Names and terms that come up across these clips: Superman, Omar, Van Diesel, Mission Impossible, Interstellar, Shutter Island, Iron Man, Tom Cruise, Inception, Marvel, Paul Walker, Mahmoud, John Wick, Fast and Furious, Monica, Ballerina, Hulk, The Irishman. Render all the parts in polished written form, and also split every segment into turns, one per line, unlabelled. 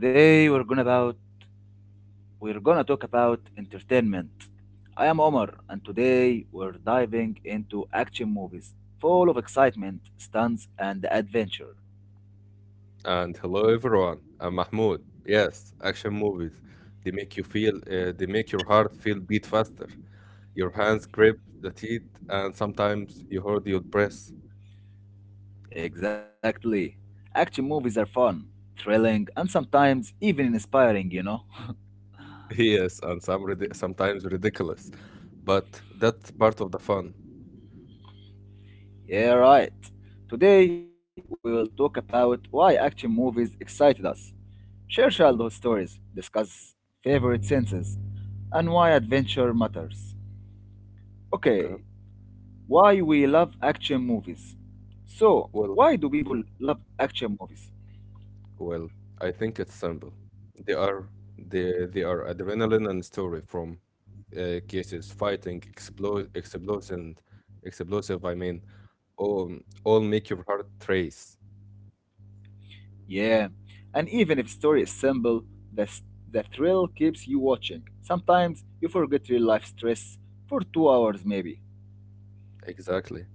Today we're gonna about we're gonna talk about entertainment. I am Omar and today we're diving into action movies full of excitement, stunts and adventure.
And hello everyone. I'm Mahmoud. Yes, action movies. They make your heart feel beat faster. Your hands grip the teeth, and sometimes you hold your breath.
Exactly. Action movies are fun, thrilling and sometimes even inspiring.
Yes, and sometimes ridiculous. But that's part of the fun.
Yeah, right. Today we will talk about why action movies excited us, share childhood
Mhm.
stories, discuss favorite senses, and why adventure matters.
Okay.
Okay, why we love action movies. So,
Well,
why do people love action movies?
Well, I think it's simple. They are they are adrenaline and story from cases fighting explosive. I mean, all all make your heart race.
Yeah, and even if story is simple, the, s- the thrill keeps you watching. Sometimes you forget real life stress for 2 hours maybe.
Exactly.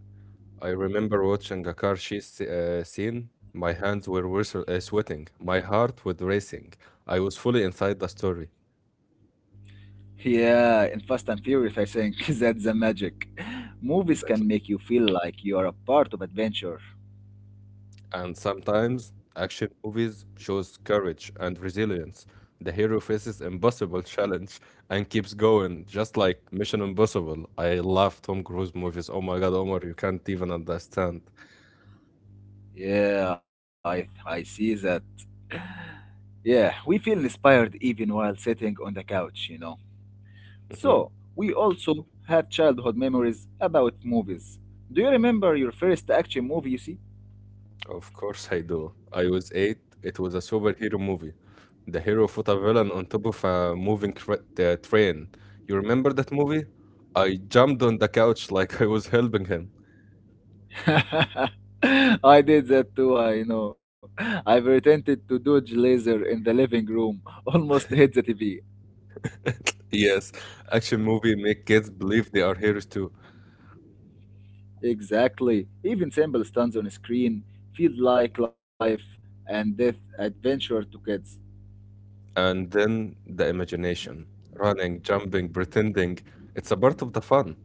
I remember watching a car chase scene. My hands were whistle sweating. My heart was racing. I was fully inside the story.
Yeah, in Fast and Furious, I think that's the magic. Movies can make you feel like you are a part of adventure.
And sometimes action movies shows courage and resilience. The hero faces impossible challenge and keeps going, just like Mission Impossible. I love Tom Cruise movies. Oh my God, Omar, you can't even understand.
Yeah, I see that. Yeah, we feel inspired even while sitting on the couch. So,
Mhm.
we also have childhood memories about movies. Do you remember your first action movie you see?
Of course I do. I was 8. It was a superhero movie. The hero fought a villain on top of a moving train. You remember that movie? I jumped on the couch, like I was helping him.
I did that too, I know. I pretended to dodge laser in the living room, almost hit the TV.
Yes, action movie make kids believe they are heroes too.
Exactly. Even simple stunts on screen feel like life and death adventure to kids.
And then the imagination, running, jumping, pretending. It's a part of the fun.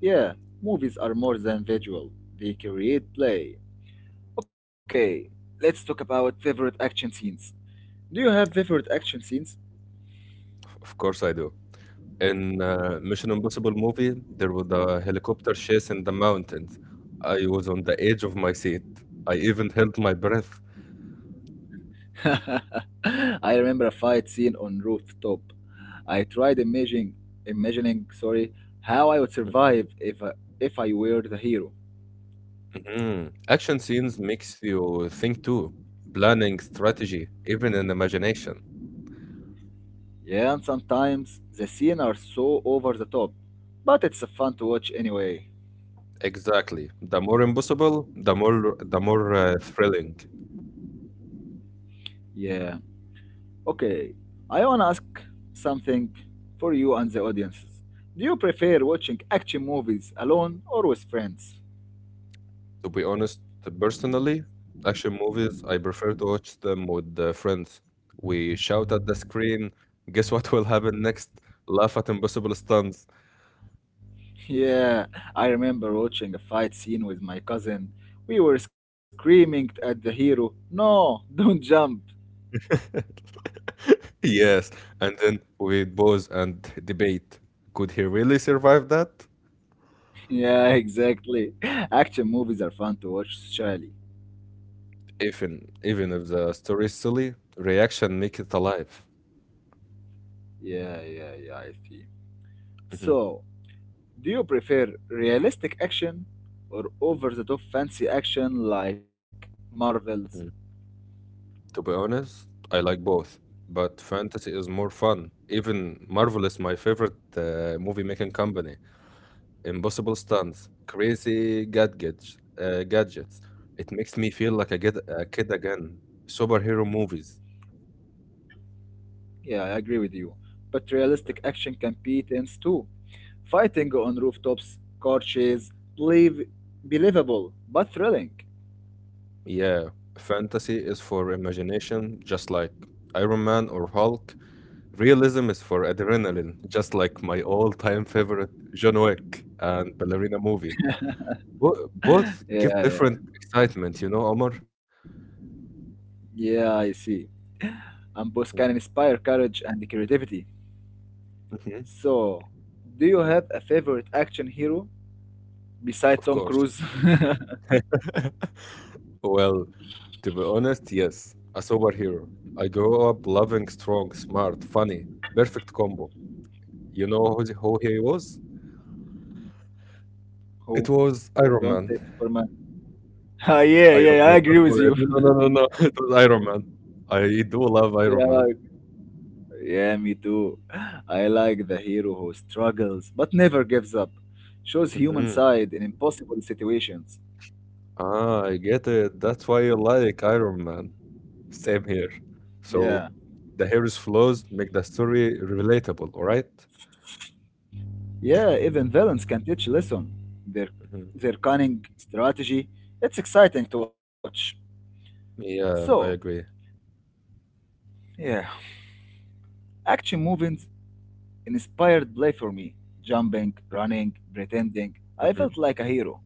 Yeah, movies are more than visual. They create play. Okay, let's talk about favorite action scenes. Do you have favorite action scenes?
Of course, I do. In Mission Impossible movie, there was a helicopter chase in the mountains. I was on the edge of my seat. I even held my breath.
I remember a fight scene on rooftop. I tried imagining, how I would survive if I were the hero.
Mhm. Action scenes makes you think too. Planning, strategy, even in imagination.
Yeah, and sometimes the scenes are so over the top, but it's fun to watch anyway.
Exactly. The more impossible, the more the more thrilling.
Yeah. Okay. I wanna ask something for you and the audiences. Do you prefer watching action movies alone or with friends?
To be honest, personally, action movies, I prefer to watch them with friends. We shout at the screen, guess what will happen next? Laugh at impossible stunts.
Yeah, I remember watching a fight scene with my cousin. We were screaming at the hero, no, don't jump.
Yes, and then we pause and debate. Could he really survive that?
Yeah, exactly. Action movies are fun to watch, Charlie.
Even if the story is silly, reaction make it alive.
Yeah, yeah, yeah, I see.
Mhm,
So, do you prefer realistic action or over the top fancy action like Marvel's?
mhm. To be honest, I like both, but fantasy is more fun. Even Marvel is my favorite movie making company. Impossible stunts, crazy gadgets. It makes me feel like a kid again. Superhero movies,
Yeah, I agree with you. But realistic action can be tense too. Fighting on rooftops, car chase, believe, believable, but thrilling.
yeah. Fantasy is for imagination, just like Iron Man or Hulk. Realism is for adrenaline, just like my all-time favorite John Wick and Ballerina movie. Both
Yeah,
give
yeah,
different excitement, you know, Omar.
yeah, I see. And both can inspire courage and creativity.
Mhm.
So, do you have a favorite action hero beside Tom Cruise?
Well, to be honest, yes, a superhero. I grew up loving strong, smart, funny, perfect combo. You know who he was? It
Who?
was Iron
Don't
Man.
say Superman. Ah, yeah,
Iron
yeah, I
Man.
agree with you.
Don't No, no, no, no, no. It was Iron Man. I do love Iron
Yeah,
Man.
yeah, me too. I like the hero who struggles but never gives up, shows human
Hmm.
side in impossible situations.
Ah, I get it. That's why I like Iron Man. Same here.
Yeah,
So the hero's flaws make the story relatable, all right?
yeah, even villains can teach lesson. Their their cunning strategy. It's exciting to watch. So,
Yeah, I agree.
yeah. Action movies inspired play for me. Jumping, running, pretending. I
Mm-hmm.
felt like a hero.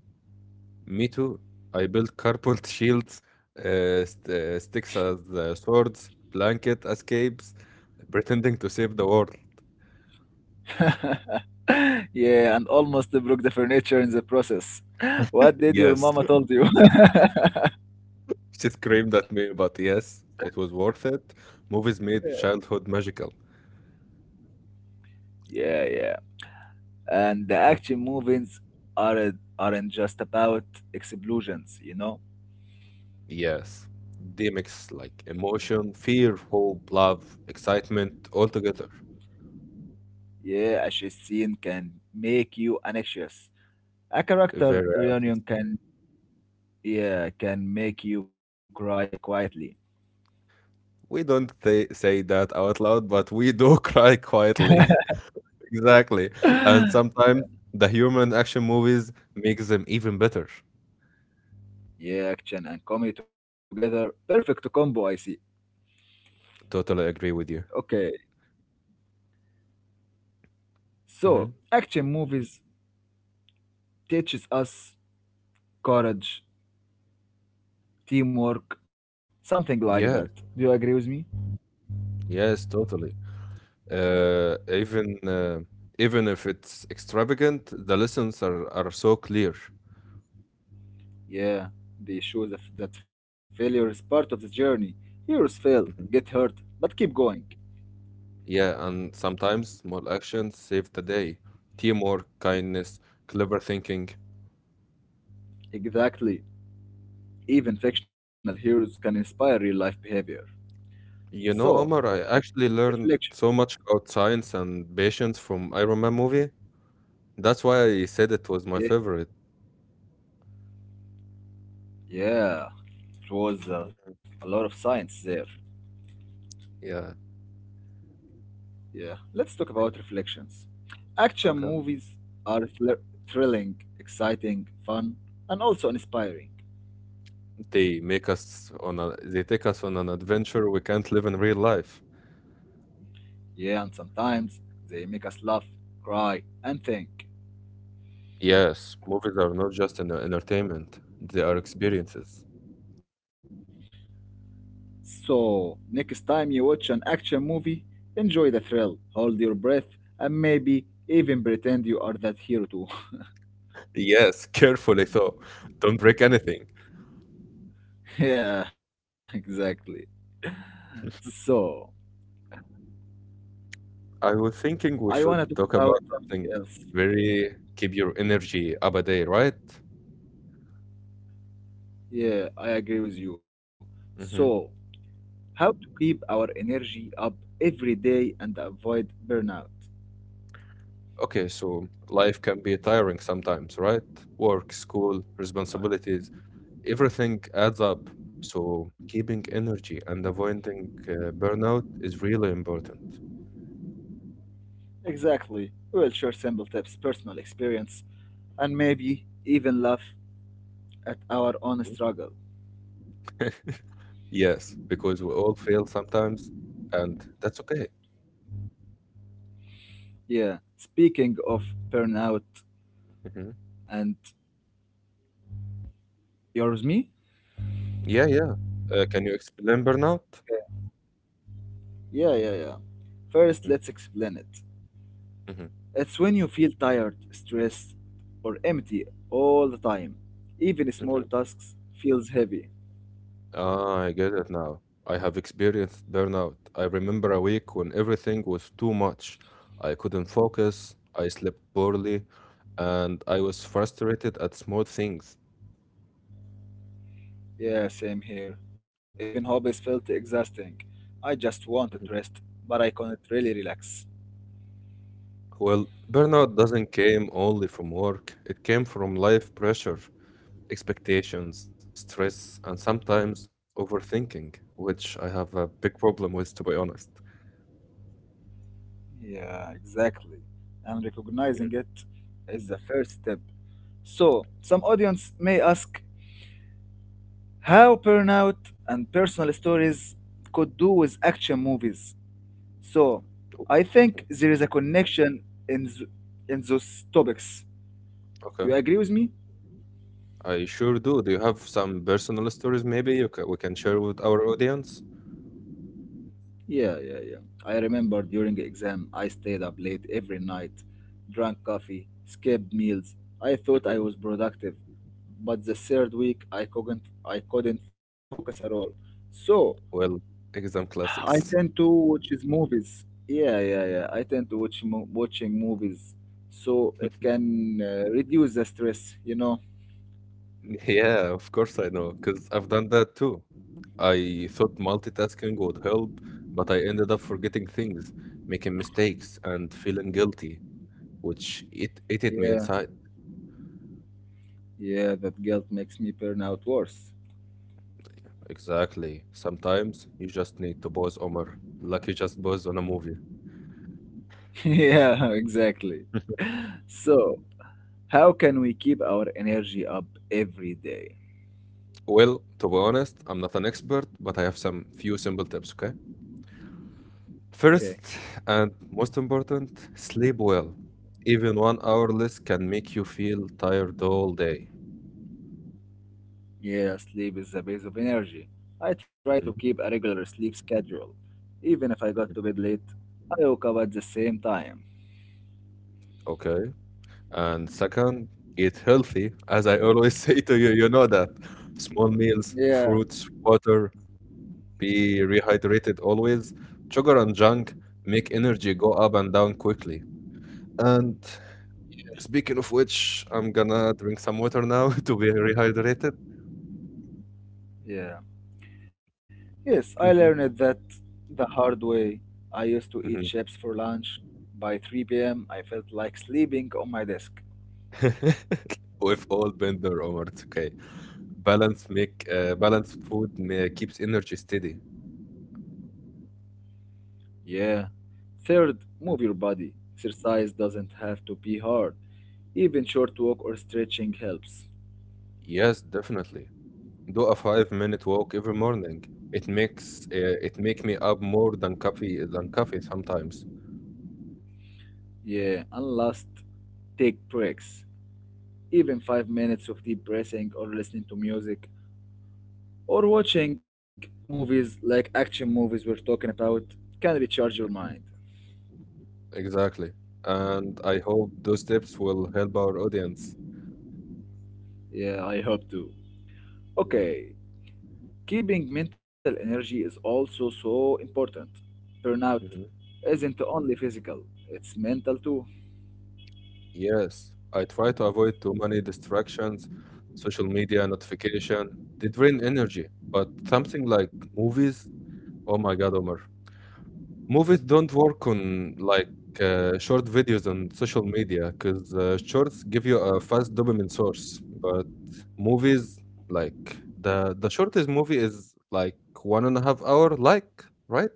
Me too. I built carport shields, sticks as swords, blanket as capes, pretending to save the world.
Yeah, and almost broke the furniture in the process. What did your mama told you?
She screamed at me, but yes, it was worth it.
Yeah,
Movies made childhood magical.
yeah. And the
Mm.
action movies aren't just about explosions.
Yes, they mix like emotion, fear, hope, love, excitement all together.
Yeah, a chase scene can make you anxious. A character
Very anxious.
reunion can yeah, can make you cry quietly.
We don't say that out loud, but we do cry quietly. Exactly. And sometimes the humor in action movies makes them even better.
Yeah, action and comedy together. Perfect combo, I see.
Totally agree with you.
Okay, so
Hmm.
action movies teaches us courage, teamwork, something like
Yeah,
that. Do you agree with me?
yes, totally. Uh, even uh, even if it's extravagant, the lessons are so clear.
Yeah, they show that failure is part of the journey. Heroes fail, get hurt, but keep going.
Yeah, and sometimes small actions save the day. Teamwork, kindness, clever thinking.
Exactly. Even fictional heroes can inspire real life behavior.
You know, Omar,
So,
I actually learned so
reflection.
much about science and patience from Iron Man movie. That's why I said it was my
Yeah,
favorite.
yeah, it was a lot of science there.
Yeah.
Yeah, let's talk about reflections. Action movies are thrilling, exciting, fun, and also inspiring.
They take us on an adventure we can't live in real life.
Yeah, and sometimes they make us laugh, cry, and think.
Yes, movies are not just an entertainment, they are experiences.
So, next time you watch an action movie, enjoy the thrill, hold your breath, and maybe even pretend you are that hero too.
Yes, carefully though. Don't break anything.
Yeah, exactly. So,
I was thinking
I
we
want
should
to talk
talk
about
about
something else.
very keep your energy up a day, right?
Yeah, I agree with you. So,
Mm-hmm.
how to keep our energy up every day and avoid burnout.
Okay, so life can be tiring sometimes, right? Work, school, responsibilities, everything adds up. So keeping energy and avoiding burnout is really important.
Exactly. We will share simple tips, personal experience, and maybe even laugh at our own struggle.
Yes, because we all fail sometimes, and that's okay.
Yeah. Speaking of burnout
Hmm.
and yours, me?
Yeah, yeah. Can you explain burnout?
Yeah, yeah, yeah. First, let's explain it.
Mm-hmm.
It's when you feel tired, stressed, or empty all the time. Even small tasks feels heavy.
Ah, I get it now. I have experienced burnout. I remember a week when everything was too much. I couldn't focus, I slept poorly, and I was frustrated at small things.
Yeah, same here. Even hobbies felt exhausting. I just wanted
Mhm.
rest, but I couldn't really relax.
Well, burnout doesn't came only from work. It came from life pressure, expectations, stress, and sometimes overthinking, which I have a big problem with, to be honest.
Yeah, exactly. And recognizing it
Mhm.
is the first step. So, some audience may ask how burnout and personal stories could do with action movies. So,
O-
I think
mhm.
there is a connection in, th- in those topics. You
Okay,
agree with me?
I sure do. Do you have some personal stories maybe you ca we can share with our audience?
Yeah, yeah, yeah. I remember during exam, I stayed up late every night, drank coffee, skipped meals. I thought I
hmm
was productive, but the third week I couldn't focus at all. So
Well, exam
I
classic.
tend to watch is movies. Yeah, yeah, yeah. I tend to watching movies, so it can reduce the stress.
Yeah, of course I know, because I've done that too. I thought multitasking would help, but I ended up forgetting things, making mistakes, and feeling guilty, which it hit me.
Yeah, yeah. That guilt makes me burn out worse.
Exactly. Sometimes you just need to pause, Omar, like you just pause on a movie.
Yeah, exactly. So. How can we keep our energy up every day?
Well, to be honest, I'm not an expert, but I have some few simple tips, okay?
Okay.
First, and most important, sleep well. Even 1 hour less can make you feel tired all day.
Yeah, sleep is the base of energy. I try to keep
Mhm,
a regular sleep schedule. Even if I got to
mhm.
bed late, I woke up at the same time.
Okay. And second, eat healthy. As I always say to you, you know that. Small meals,
Yeah,
fruits, water. Be rehydrated always. Sugar and junk make energy go up and down quickly. And speaking of which, I'm gonna drink some water now to be rehydrated.
yeah. Yes, I
Mhm,
learned that the hard way. I used to eat
mhm.
chips for lunch. By 3 p.m., I felt like sleeping on my desk.
With all Bender Omar, it's okay. Balanced food keeps energy steady.
Yeah. Third, move your body. Exercise doesn't have to be hard. Even short walk or stretching helps.
Yes, definitely. Do a 5-minute walk every morning. It makes it make me up more than coffee sometimes.
Yeah, and last, take breaks. Even 5 minutes of deep breathing or listening to music or watching movies like action movies we're talking about can recharge your mind.
Mm-hmm. Exactly. And I hope those tips will help our audience.
Yeah, I hope to.
Yeah.
Okay, keeping mental energy is also so important. Burnout
Hmm.
isn't only physical, it's mental too.
Yes. I try to avoid too many distractions, social media notification. They drain energy. But something like movies, oh my God, Omar. Movies don't work on like short videos on social media because shorts give you a fast dopamine source. But movies, like the shortest movie is like 1.5 hour, like, right?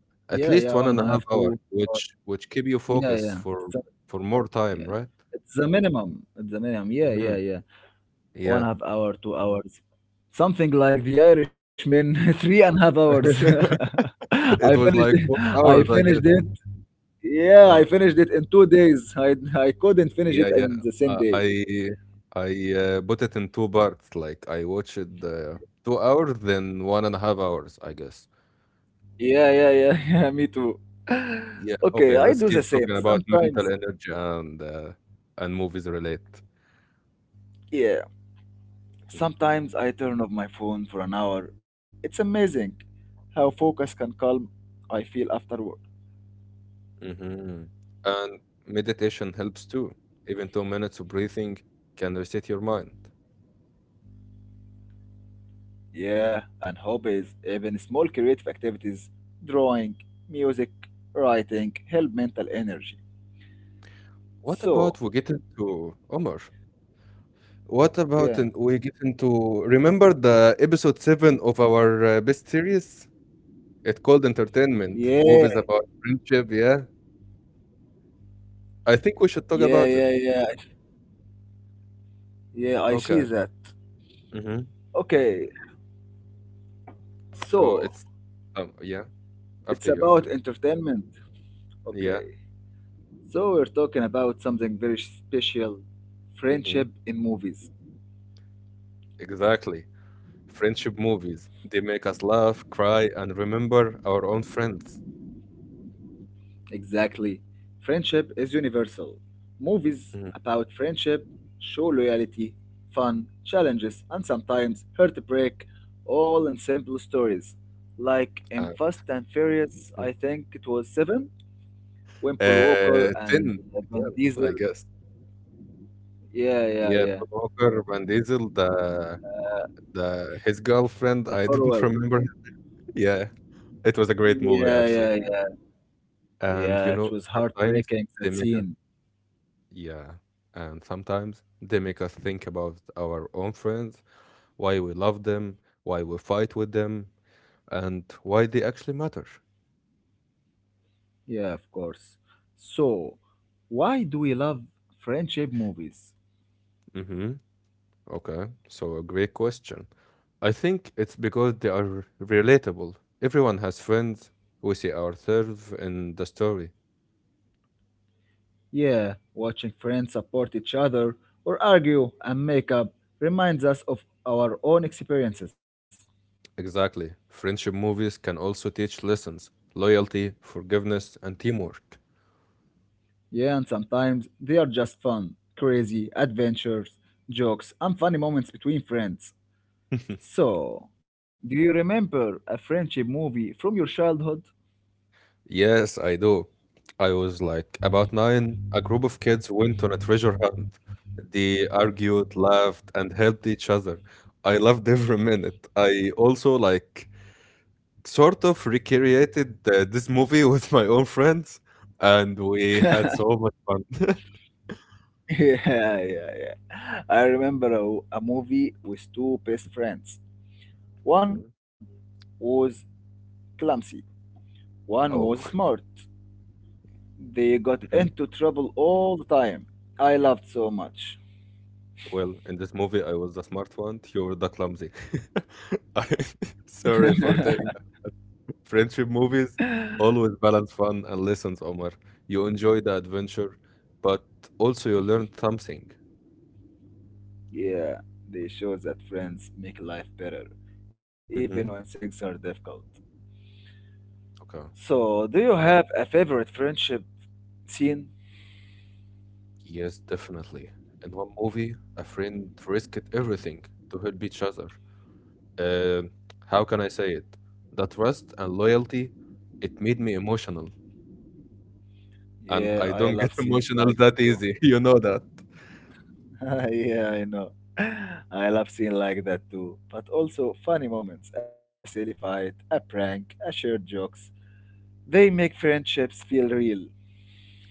Yeah,
At
yeah, one
least
and a
one and a
half,
half one
two
hour,
hours.
which keep you
Yeah, yeah.
focused for more
Yeah.
time, right?
It's the minimum. It's the minimum. Yeah, yeah,
Mhm.
yeah. One
Yeah.
half hour, 2 hours, something like The Irishman, 3.5 hours. I
It
finished
was
it.
like
I
hours.
finished it. Yeah, I finished it in 2 days. I couldn't finish it in the same day.
I I put it in 2 parts, like, I watched the 2 hours, then 1.5 hours, I guess.
Yeah, yeah, yeah, yeah. Me too.
Yeah,
Okay,
okay,
I do
let's
the
keep
same.
talking about
Sometimes,
mental energy and movies relate.
yeah.
Mm.
Sometimes I turn off my phone for an hour. It's amazing how focus can calm I feel after work.
Mhm. And meditation helps too. Even 2 minutes of breathing can reset your mind.
Yeah, and hobbies, even small creative activities, drawing, music, writing, help mental energy.
What about
So,
to Omar. What about
yeah,
in, we get into, remember the episode 7 of our best series? It called Entertainment.
yeah,
It's about friendship. Yeah, I think we should talk
yeah, yeah,
about it.
yeah, yeah, I see that.
hmm
Okay,
So
so
it's, yeah,
it's
after you,
about
after,
entertainment.
yeah,
Okay, so we're talking about something very special,
hmm
friendship in movies.
exactly, friendship movies, they make us laugh, cry, and remember our own friends.
Exactly. Friendship is universal. Movies
Mhm.
about friendship show loyalty, fun, challenges, and sometimes heartbreak, all in simple stories. Like in Fast and Furious, I think it was Seven, when Paul Walker
Uh,
and
yeah,
Van Diesel. Yeah, yeah, yeah.
Walker Van Diesel, the his
The
girlfriend. I
farewell.
don't remember. Yeah, it was a great
Yeah,
movie,
yeah, yeah.
and
Yeah, it was
sometimes,
heartbreaking that scene.
yeah, and sometimes they make us think about our own friends, why we love them, why we fight with them, and why they actually matter.
Yeah, of course. So, why do we love friendship movies?
Mm-hmm. Okay, so a great question. I think it's because they are relatable. Everyone has friends. We see ourselves in the story.
Yeah, watching friends support each other or argue and make up reminds us of our own experiences.
Exactly. Friendship movies can also teach lessons, loyalty, forgiveness, and teamwork.
Yeah, and sometimes they are just fun, crazy adventures, jokes, and funny moments between friends. So, do you remember a friendship movie from your childhood?
Yes, I do. I was like about 9. A group of kids went on a treasure hunt. They argued, laughed, and helped each other. I loved every minute. I also like sort of recreated this movie with my own friends, and we had some fun.
Yeah, yeah, yeah. I remember a movie with two best friends. One
Mhm.
was clumsy, one was
Oh,
smart. They got
mhm.
into trouble all the time. I loved so much.
Well, in this movie, I was the smart one. You were the clumsy. I, sorry for taking. Friendship movies always balance fun and lessons, Omar. You enjoy the adventure, but also you learn something.
Yeah, they show that friends make life better, even when
Hmm.
things are difficult.
Okay.
So, do you have a favorite friendship scene?
Yes, definitely. In one movie, a friend risked everything to help each other. Uh, how can I say it? The trust and loyalty, it made me emotional. And
Yeah,
I
I
don't get
love scenes
emotional
like
that
that too.
easy. You know that.
Yeah, I know. I love scenes like that too. But also funny moments, a silly fight, a prank, a shared jokes. They make friendships feel real.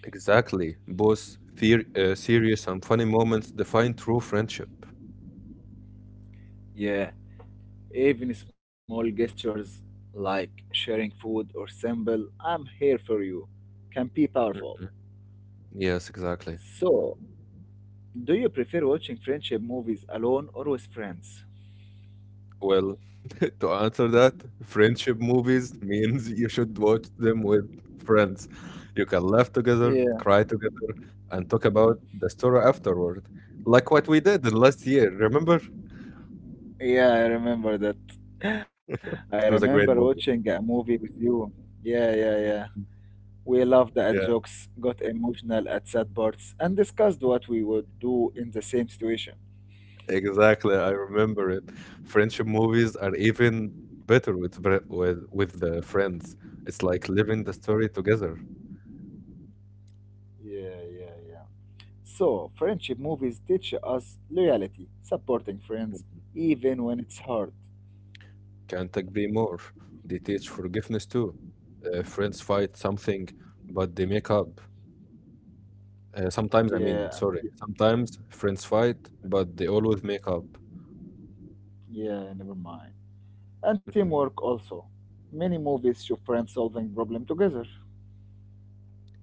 Exactly. Both serious and funny moments define true friendship.
Yeah. Even small gestures like sharing food or simple "I'm here for you" can be powerful.
Mhm. Yes, exactly.
So, do you prefer watching friendship movies alone or with friends?
Well, to answer that, friendship movies means you should watch them with friends. You can laugh together,
Yeah,
cry together, and talk about the story afterward, like what we did last year. Remember?
yeah, I remember that. I
It was
remember
a great
watching a
movie.
movie with you. Yeah, yeah, yeah. We laughed at
Yeah,
jokes, got emotional at sad parts, and discussed what we would do in the same situation.
exactly. I remember it. Friendship movies are even better with the friends. It's like living the story together.
Yeah, yeah, yeah. So, friendship movies teach us loyalty, supporting friends, even when it's hard.
Can't agree more. They teach forgiveness too. Friends fight something, but they make up. Sometimes, I mean,
Yeah,
sorry,
and
sometimes friends fight, but they always make up.
yeah, never mind. And
Mhm.
teamwork also. Many movies show friends solving problem together.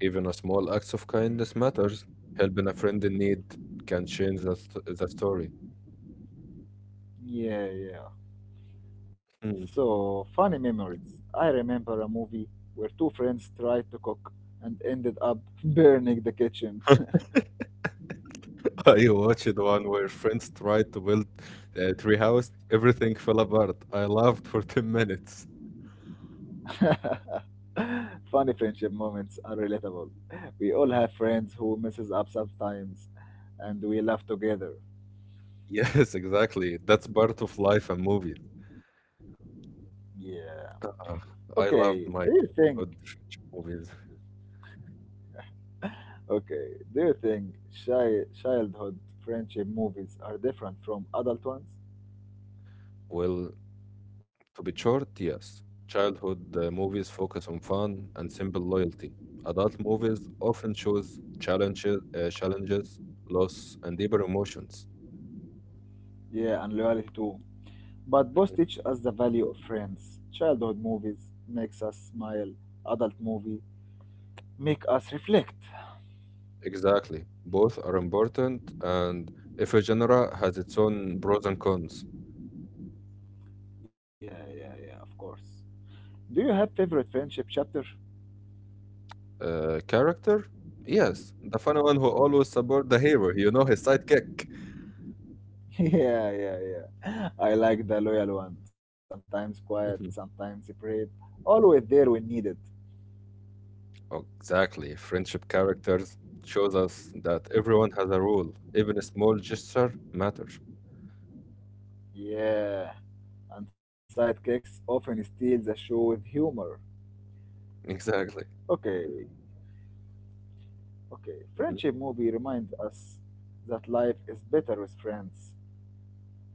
Even a small acts of kindness matters. Helping a friend in need can change the story.
Yeah, yeah.
Hmm.
So, funny memories. I remember a movie where two friends tried to cook and ended up burning the kitchen.
I watched one where friends tried to build a tree house. Everything fell apart. I laughed for 10 minutes.
Funny friendship moments are relatable. We all have friends who messes up sometimes and we laugh together.
Yes, exactly. That's part of life and movies.
Yeah.
Ah, I
Okay. Do
loved
you
my
think?
childhood French movies.
Okay. Do you childhood friendship movies are different from adult ones?
Well, to be short, yes. Childhood movies focus on fun and simple loyalty. Adult movies often choose challenges, loss, and deeper emotions.
Yeah, and loyalty too. But both teach us the value of friends. Childhood movies makes us smile. Adult movie make us reflect.
Exactly. Both are important, and if a genre has its own pros and cons,
Yeah, yeah, yeah. Of course. Do you have favorite friendship chapter?
character, yes, the funny one who always support the hero, you know, his sidekick.
Yeah, yeah, yeah. I like the loyal one. Sometimes quiet,
Mhm.
sometimes brave. Always there when needed.
Oh, exactly. Friendship characters shows us that everyone has a role. Even a small gesture matters.
Yeah, and sidekicks often steal the show with humor.
Exactly.
Okay, okay. Friendship movie reminds us that life is better with friends.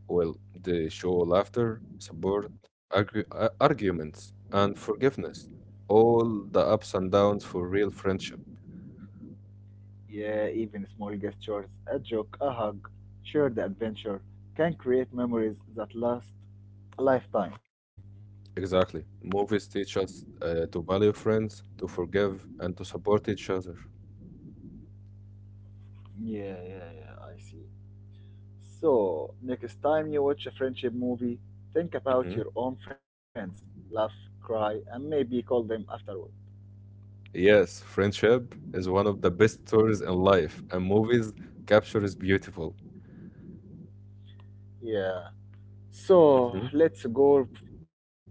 Well, they show laughter, support, arguments, and forgiveness. All the ups and downs for real friendship.
Yeah, even small gestures, a joke, a hug, shared adventure can create memories that last a lifetime.
Exactly. Movies teach us to value friends, to forgive, and to support each other.
Yeah, yeah, yeah, I see. So, next time you watch a friendship movie, think about your own friends, laugh, cry, and maybe call them afterward.
Yes, friendship is one of the best stories in life, and movies capture is beautiful.
Yeah. So, let's go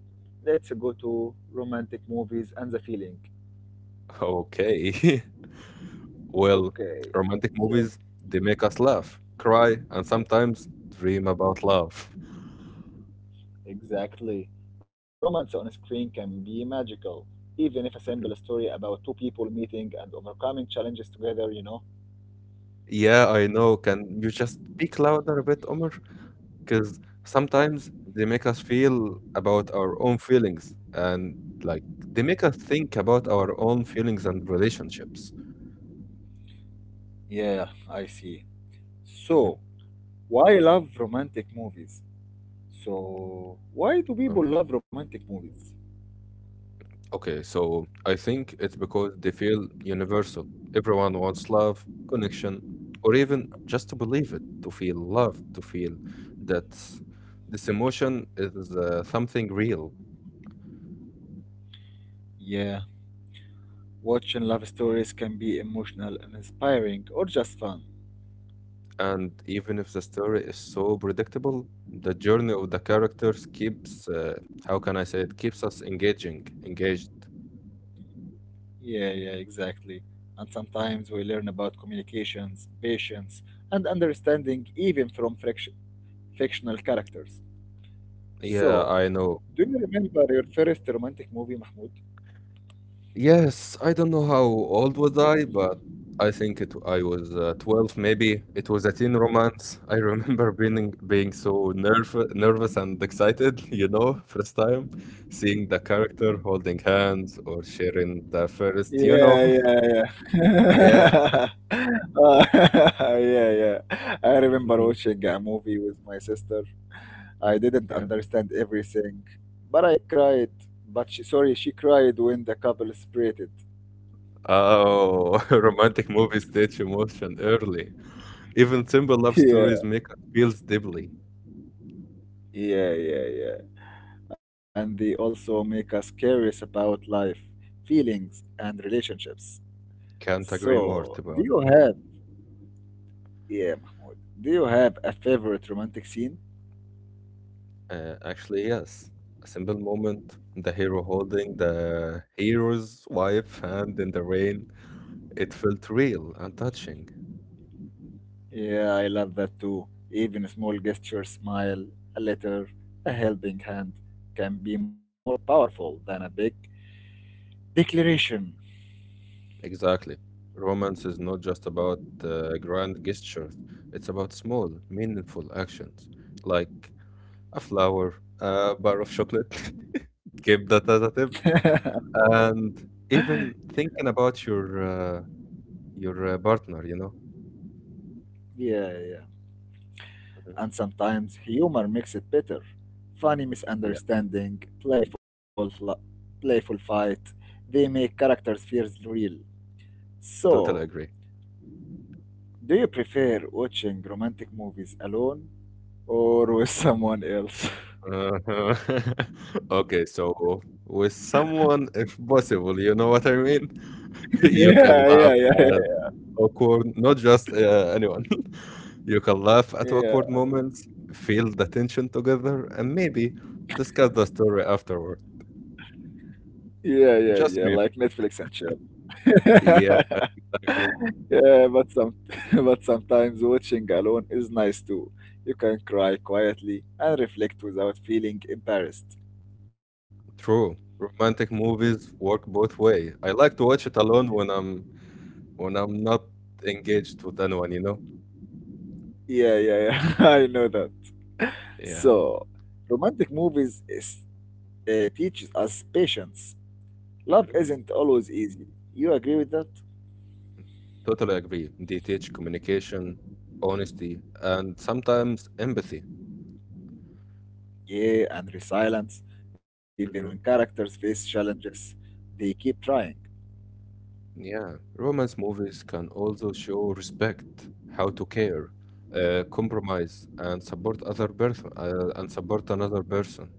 Let's go to romantic movies and the feeling.
Okay. Well,
Okay,
romantic
so
movies, they make us laugh, cry, and sometimes dream about love.
exactly. Romance on screen can be magical, even if a simple story about two people meeting and overcoming challenges together, you know?
Yeah, I know. Can you just speak louder a bit, Omar? Because sometimes they make us feel about our own feelings and like they make us think about our own feelings and relationships.
Yeah, I see.
Mhm.
So, why love romantic movies? So, why do people love romantic movies?
Okay, so I think it's because they feel universal. Everyone wants love, connection, or even just to believe it, to feel love, to feel that this emotion is something real.
Yeah, watching love stories can be emotional and inspiring or just fun.
And even if the story is so predictable, the journey of the characters keeps, how can I say it, keeps us engaged.
Yeah, yeah, exactly. And sometimes we learn about communications, patience, and understanding even from fictional characters.
Yeah,
So,
I know.
do you remember your first romantic movie, Mahmoud?
Yes, I don't know how old was I, but I was 12 maybe. It was a teen romance. I remember being so nerve nervous and excited, you know, first time seeing the character holding hands or sharing the first, you
Yeah,
know.
yeah, yeah. Uh, yeah, yeah. I remember watching a movie with my sister. I didn't
Mhm.
understand everything, but I cried. But she, sorry, she cried when the couple separated.
Oh, romantic movies teach emotion early. Even simple love stories feels deeply.
Yeah, yeah, yeah, yeah, and they also make us curious about life, feelings, and relationships.
Can't agree more.
So, do you have yeah, do you have a favorite romantic scene?
Actually, yes. A simple moment, the hero holding the hero's wife hand in the rain. It felt real and touching.
Yeah, I love that too. Even a small gesture, smile, a letter, a helping hand can be more powerful than a big declaration.
Exactly. Romance is not just about grand gestures. It's about small, meaningful actions, like a flower, a bar of chocolate. Keep that as a tip. And even thinking about your partner, you know,
Yeah, yeah.
mhm.
And sometimes humor makes it better. Funny misunderstanding, playful fight, they make characters feel real. So,
Totally.
do you prefer watching romantic movies alone or with someone else?
Uh-huh. Okay, so with someone, if possible, you know what I mean?
Yeah, yeah, yeah, yeah,
Awkward, not just anyone. You can laugh at awkward
yeah,
moments, feel the tension together, and maybe discuss the story afterward.
yeah, yeah, yeah, like Netflix and chill.
Like,
Yeah, but some, but sometimes watching alone is nice too. You can cry quietly and reflect without feeling embarrassed.
true. Romantic movies work both way. I like to watch it alone when I'm not engaged with anyone, you know?
Yeah, yeah, yeah, I know that.
Yeah.
So, romantic movies teaches us patience. Love isn't always easy. You agree with that?
Totally agree. They teach communication, honesty, and sometimes empathy.
Yeah, and resilience. Even when
Mhm.
characters face challenges, they keep trying.
Yeah. Romance movies can also show respect, how to care, compromise, and support other person and support another person.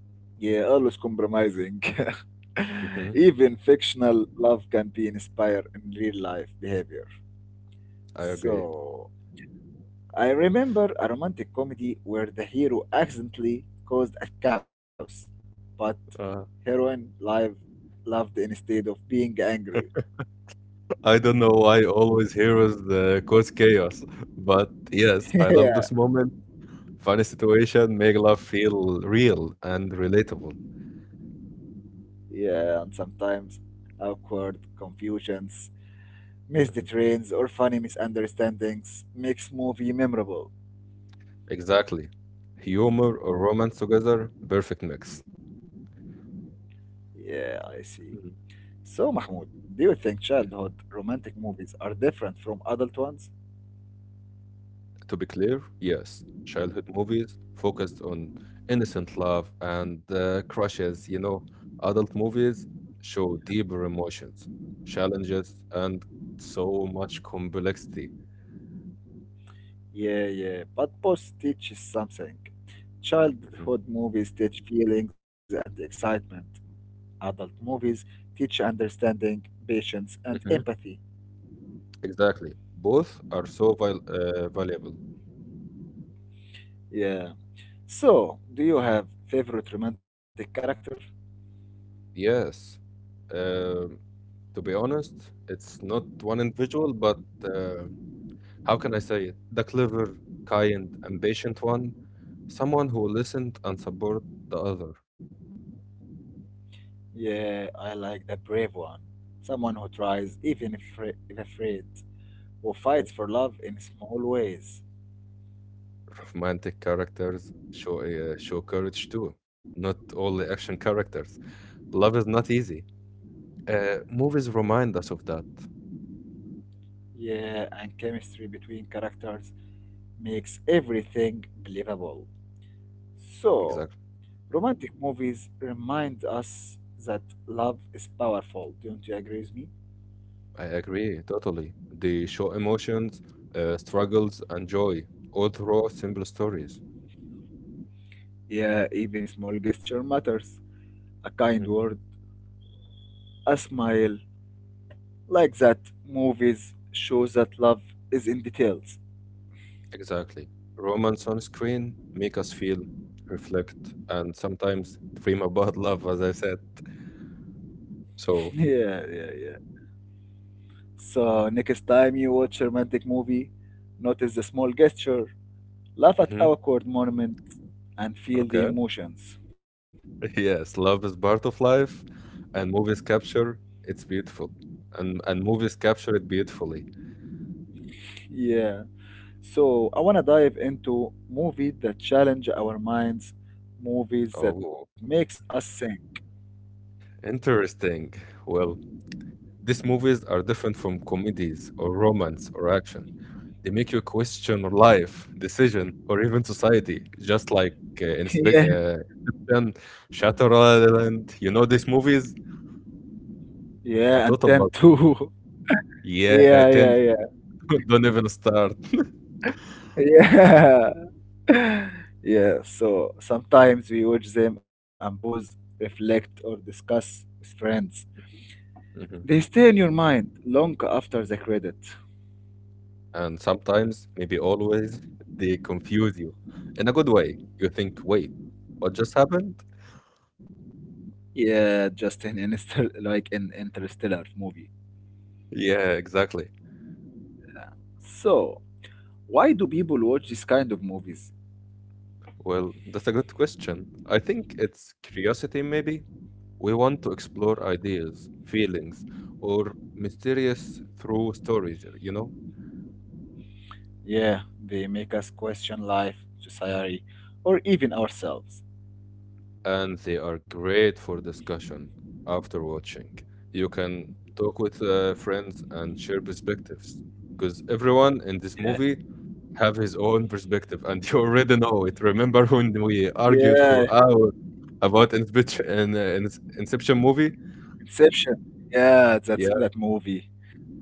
Yeah, always compromising.
Hmm.
Even fictional love can be inspired in real life behavior.
I agree.
So, I remember a romantic comedy where the hero accidentally caused a chaos, but
Uh,
heroine live loved instead of being angry.
I don't know why always heroes cause chaos, but yes, I love
yeah,
this moment. Funny situation make love feel real and relatable.
yeah, and sometimes awkward confusions missed trains or funny misunderstandings makes movie memorable.
Exactly. Humor or romance together, perfect mix.
Yeah, I see.
Mm.
So, Mahmoud, do you think childhood romantic movies are different from adult ones?
To be clear, yes, childhood movies focused on innocent love and crushes, you know, adult movies show deeper emotions, challenges, and so much complexity.
Yeah, yeah, but both teaches something. Childhood movies teach feelings and excitement. Adult movies teach understanding, patience, and empathy.
Exactly. Both are so valuable.
Yeah. So, do you have favorite romantic character?
Yes. Um to be honest, it's not one individual, but how can I say it? The clever, kind, and patient one. Someone who listened and support the other.
Yeah, I like the brave one. Someone who tries, even if afraid, who
Mhm.
fights for love in small ways.
Romantic characters show courage too. Not only action characters. Love is not easy. Movies remind us of that.
Yeah, and chemistry between characters makes everything believable. So,
Exactly.
romantic movies remind us that love is powerful. Don't you agree with me?
I agree totally. They show emotions, struggles, and joy, all through simple stories.
Yeah, even small gesture matters. A kind
Mhm.
word, a smile. Like that, movies show that love is in details.
Exactly. Romance on screen make us feel, reflect, and sometimes dream about love, as I said. So,
yeah, yeah, yeah. So, next time you watch a romantic movie, notice the small gesture, laugh at
hmm.
awkward moments, and feel the
Okay.
emotions.
Yes, love is part of life, and movies capture it's beautiful, and movies capture it beautifully.
Yeah. So, I want to dive into movies that challenge our minds, movies that makes us think.
Interesting. Well, these movies are different from comedies or romance or action. They make you question life, decision, or even society, just like uh, Inspe-
Yeah.
uh, Shutter Island. You know these movies?
Yeah, and
A
then
total but
too.
yeah,
Yeah, yeah,
10
yeah.
don't even start.
Yeah. Yeah, so sometimes we watch them and pause, reflect, or discuss with friends. They stay in your mind long after the credit.
And sometimes, maybe always, they confuse you in a good way. You think, wait, what just happened?
Like an interstellar movie.
Yeah, exactly.
So, why do people watch this kind of movies?
Well, that's a good question. I think it's curiosity, maybe. We want to explore ideas, feelings, or mysterious through stories, you know?
Yeah, they make us question life, society, or even ourselves.
And they are great for discussion after watching. You can talk with friends and share because everyone in this
Yeah,
movie have his own perspective, and you already know it. Remember when we argued
yeah,
for hours about Inception, in Inception movie?
Inception. Yeah, that's
Yeah,
that movie.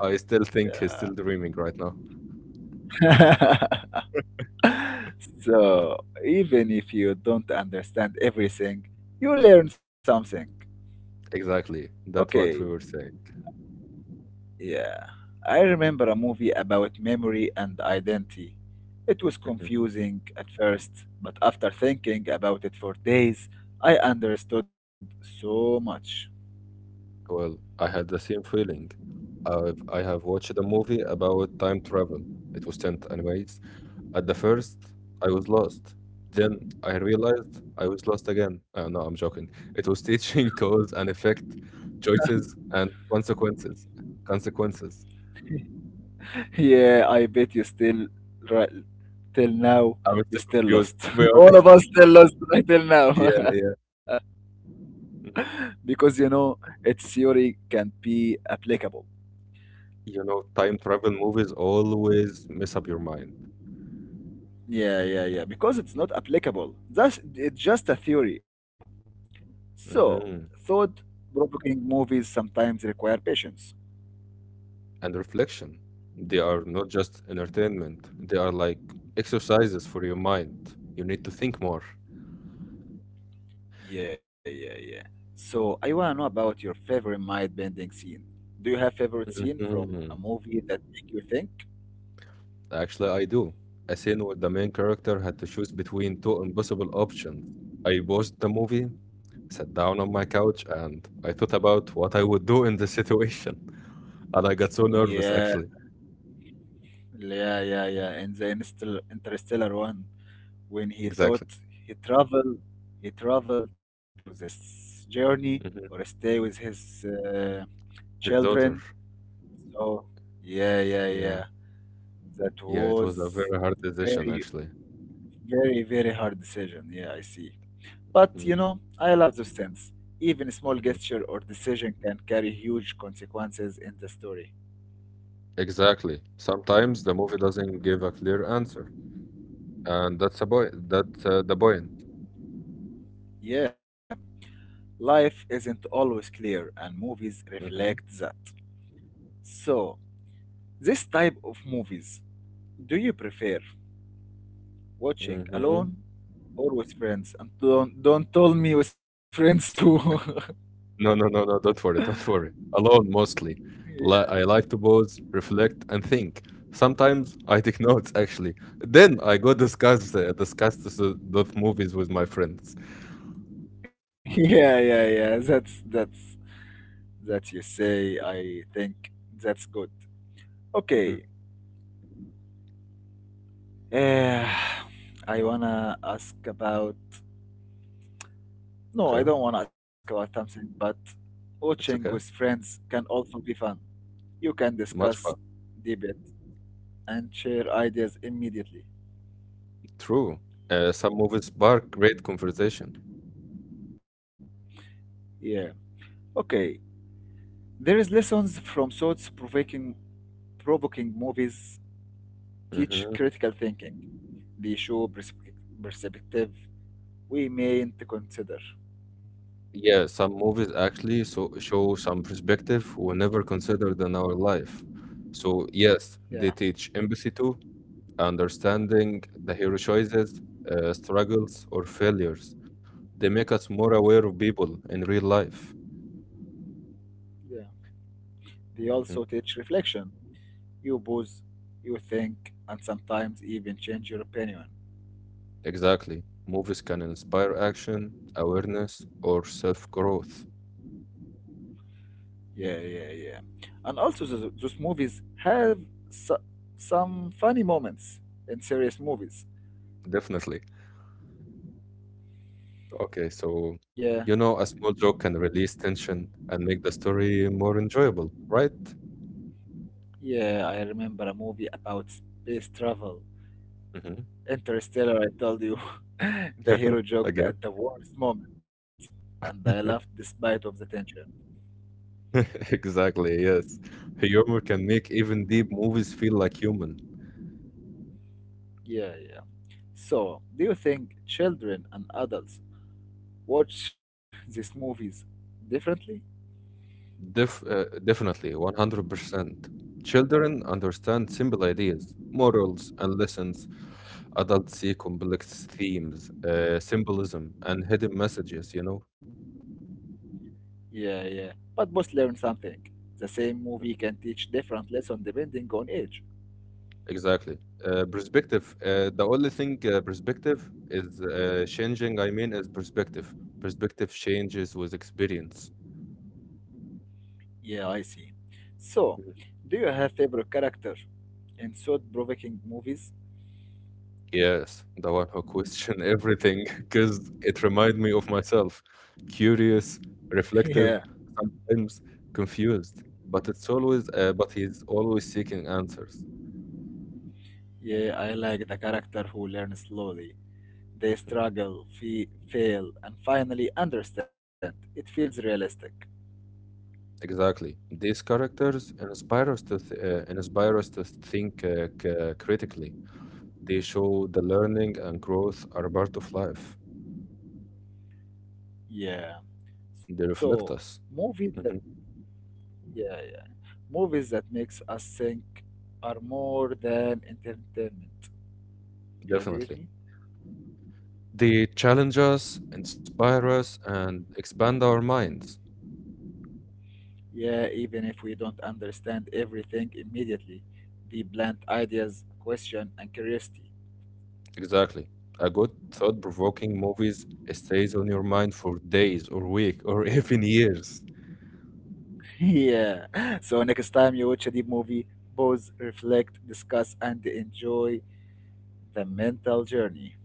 I still think he's
Yeah.
still dreaming right now.
so, even if you don't understand everything, you learn something.
Exactly, that's
Okay,
what I saying.
yeah, I remember a movie about memory and identity. It was confusing at first, but after thinking about it for days, I understood so much.
Well, I had the same feeling. I have watched a movie about time travel. It was 10th, anyways, at the first, I was lost. Then I realized I was lost again. No, I'm joking. It was teaching cause and effect, choices and consequences.
Yeah, I bet you still, right, till now, you still
You,
lost.
to be
All
honest,
of us still lost right till now. because you know, its theory can be applicable.
you know, time travel movies always mess up your mind.
Yeah, yeah, yeah. Because it's not applicable. That's it's just a theory. So,
Mm.
thought provoking movies sometimes require patience.
And reflection. They are not just entertainment, they are like exercises for your mind. You need to think more.
Yeah, yeah, yeah. So, I want to know about your favorite mind bending scene. Do you have favorite scene from
Mm-hmm.
a movie that make you think?
Actually, I do. A scene where the main character had to choose between two impossible options. I watched the movie, sat down on my couch, and I thought about what I would do in this situation. And I got so nervous. I-
Yeah, yeah, yeah, yeah. In the Interstellar one, when he thought
exactly.
he traveled, he traveled to this journey or
Mhm.
stay with his
His
children.
daughter.
So, yeah, yeah, yeah. That
Yeah, it's a
was
very hard decision,
very
actually.
Very, very hard decision. Yeah, I see. But you
Mhm.
know, I love those things. Even a small gesture or decision can carry huge consequences in the story.
Exactly. Sometimes the movie doesn't give a clear answer, and that's a boy. That's the point.
Yeah, life isn't always clear, and movies reflect
Mm-hmm.
that. So, this type of movies, do you prefer watching
Mm-hmm.
alone or with friends? And don't tell me with friends too.
No, no, no, no, don't worry, don't worry. Alone mostly. I like to pause, reflect, and think. Sometimes I take notes actually. Then I go discuss this, those movies with my friends.
Yeah, yeah, yeah. That's that you say. I think that's good.
Mhm.
Okay, Eh, I wanna ask about.
Okay,
No, I don't wanna ask about something, but watching
it's
with
okay.
friends can also be fun. You can
Much fun.
discuss, debate, and share ideas immediately.
True. Some movies spark great conversation.
Yeah. Okay. There is lessons from thoughts provoking, provoking movies teach
Hmm.
critical thinking. They show perspective we mayn't consider.
Yeah, some movies actually so show some perspective we never considered in our life. So yes, they
Yeah.
teach empathy too. Understanding the hero choices, struggles, or failures, they make us more aware of people in real life.
Yeah. They also
Mhm.
teach reflection. You pause, you think, and sometimes even change your opinion.
Exactly. Movies can inspire action, awareness, or self growth.
Yeah, yeah, yeah. And also, those movies have so- some funny moments in serious movies.
Definitely. Okay, so
Yeah,
you know, a small joke can release tension and make the story more enjoyable, right?
yeah, I remember a movie about space travel.
Mhm.
Interstellar, I told you. the hero joked at the worst moment, and I laughed despite of the tension.
Exactly, yes. Humor can make even deep movies feel like human.
Yeah, yeah. So, do you think children and adults watch these movies differently?
Definitely, 100%. Children understand simple ideas, morals, and lessons. Adults see complex themes, symbolism, and hidden messages, you know?
Yeah, yeah. But both learn something. The same movie can teach different lesson depending on age.
Exactly. Perspective. The only thing perspective is changing, I mean, is perspective changes with experience.
Yeah, I see. So, do you have favorite character in thought-provoking movies?
Yes, the one who question everything, because it reminded me of myself. Curious,
Yeah,
reflective, sometimes confused, but he's always seeking answer.
yeah, I like the character who learns slowly. They
Mhm.
struggle, fe fail, and finally understand. It feels realistic.
Exactly. These characters inspire us to think critically. They show the learning and growth are part of life.
Yeah.
They
So,
reflect us.
movies that
Mhm.
yeah, yeah, movies that makes us think are more than entertainment. You agree with
Definitely.
me?
They challenge us, inspire us, and expand our minds.
Yeah, even if we don't understand everything immediately, the plant ideas, question, and curiosity.
Exactly. A good thought-provoking movies stays on your mind for days or week or even years.
yeah. So next time you watch a deep movie, pause, reflect, discuss, and enjoy the mental journey.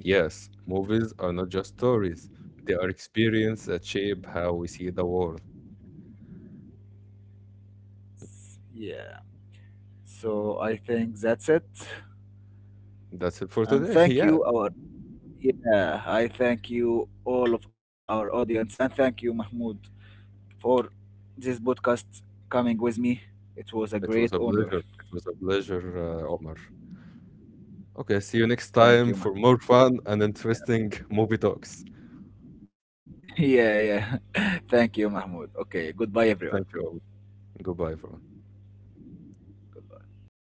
Yes, movies are not just stories. They are experience that shape how we see the world.
Yeah. So I think that's it.
That's it for
And
today.
thank
Yeah,
you, our yeah. I thank you all of our audience, and thank you, Mahmoud, for this podcast coming with me. It
it
was
was
a
a
great honor.
pleasure, Omar. Okay, see you next time for
Thank you,
more
Mahmoud.
fun and interesting movie talks.
Yeah, yeah. Thank you, Mahmoud. Okay, goodbye, everyone.
Goodbye, everyone.
Goodbye.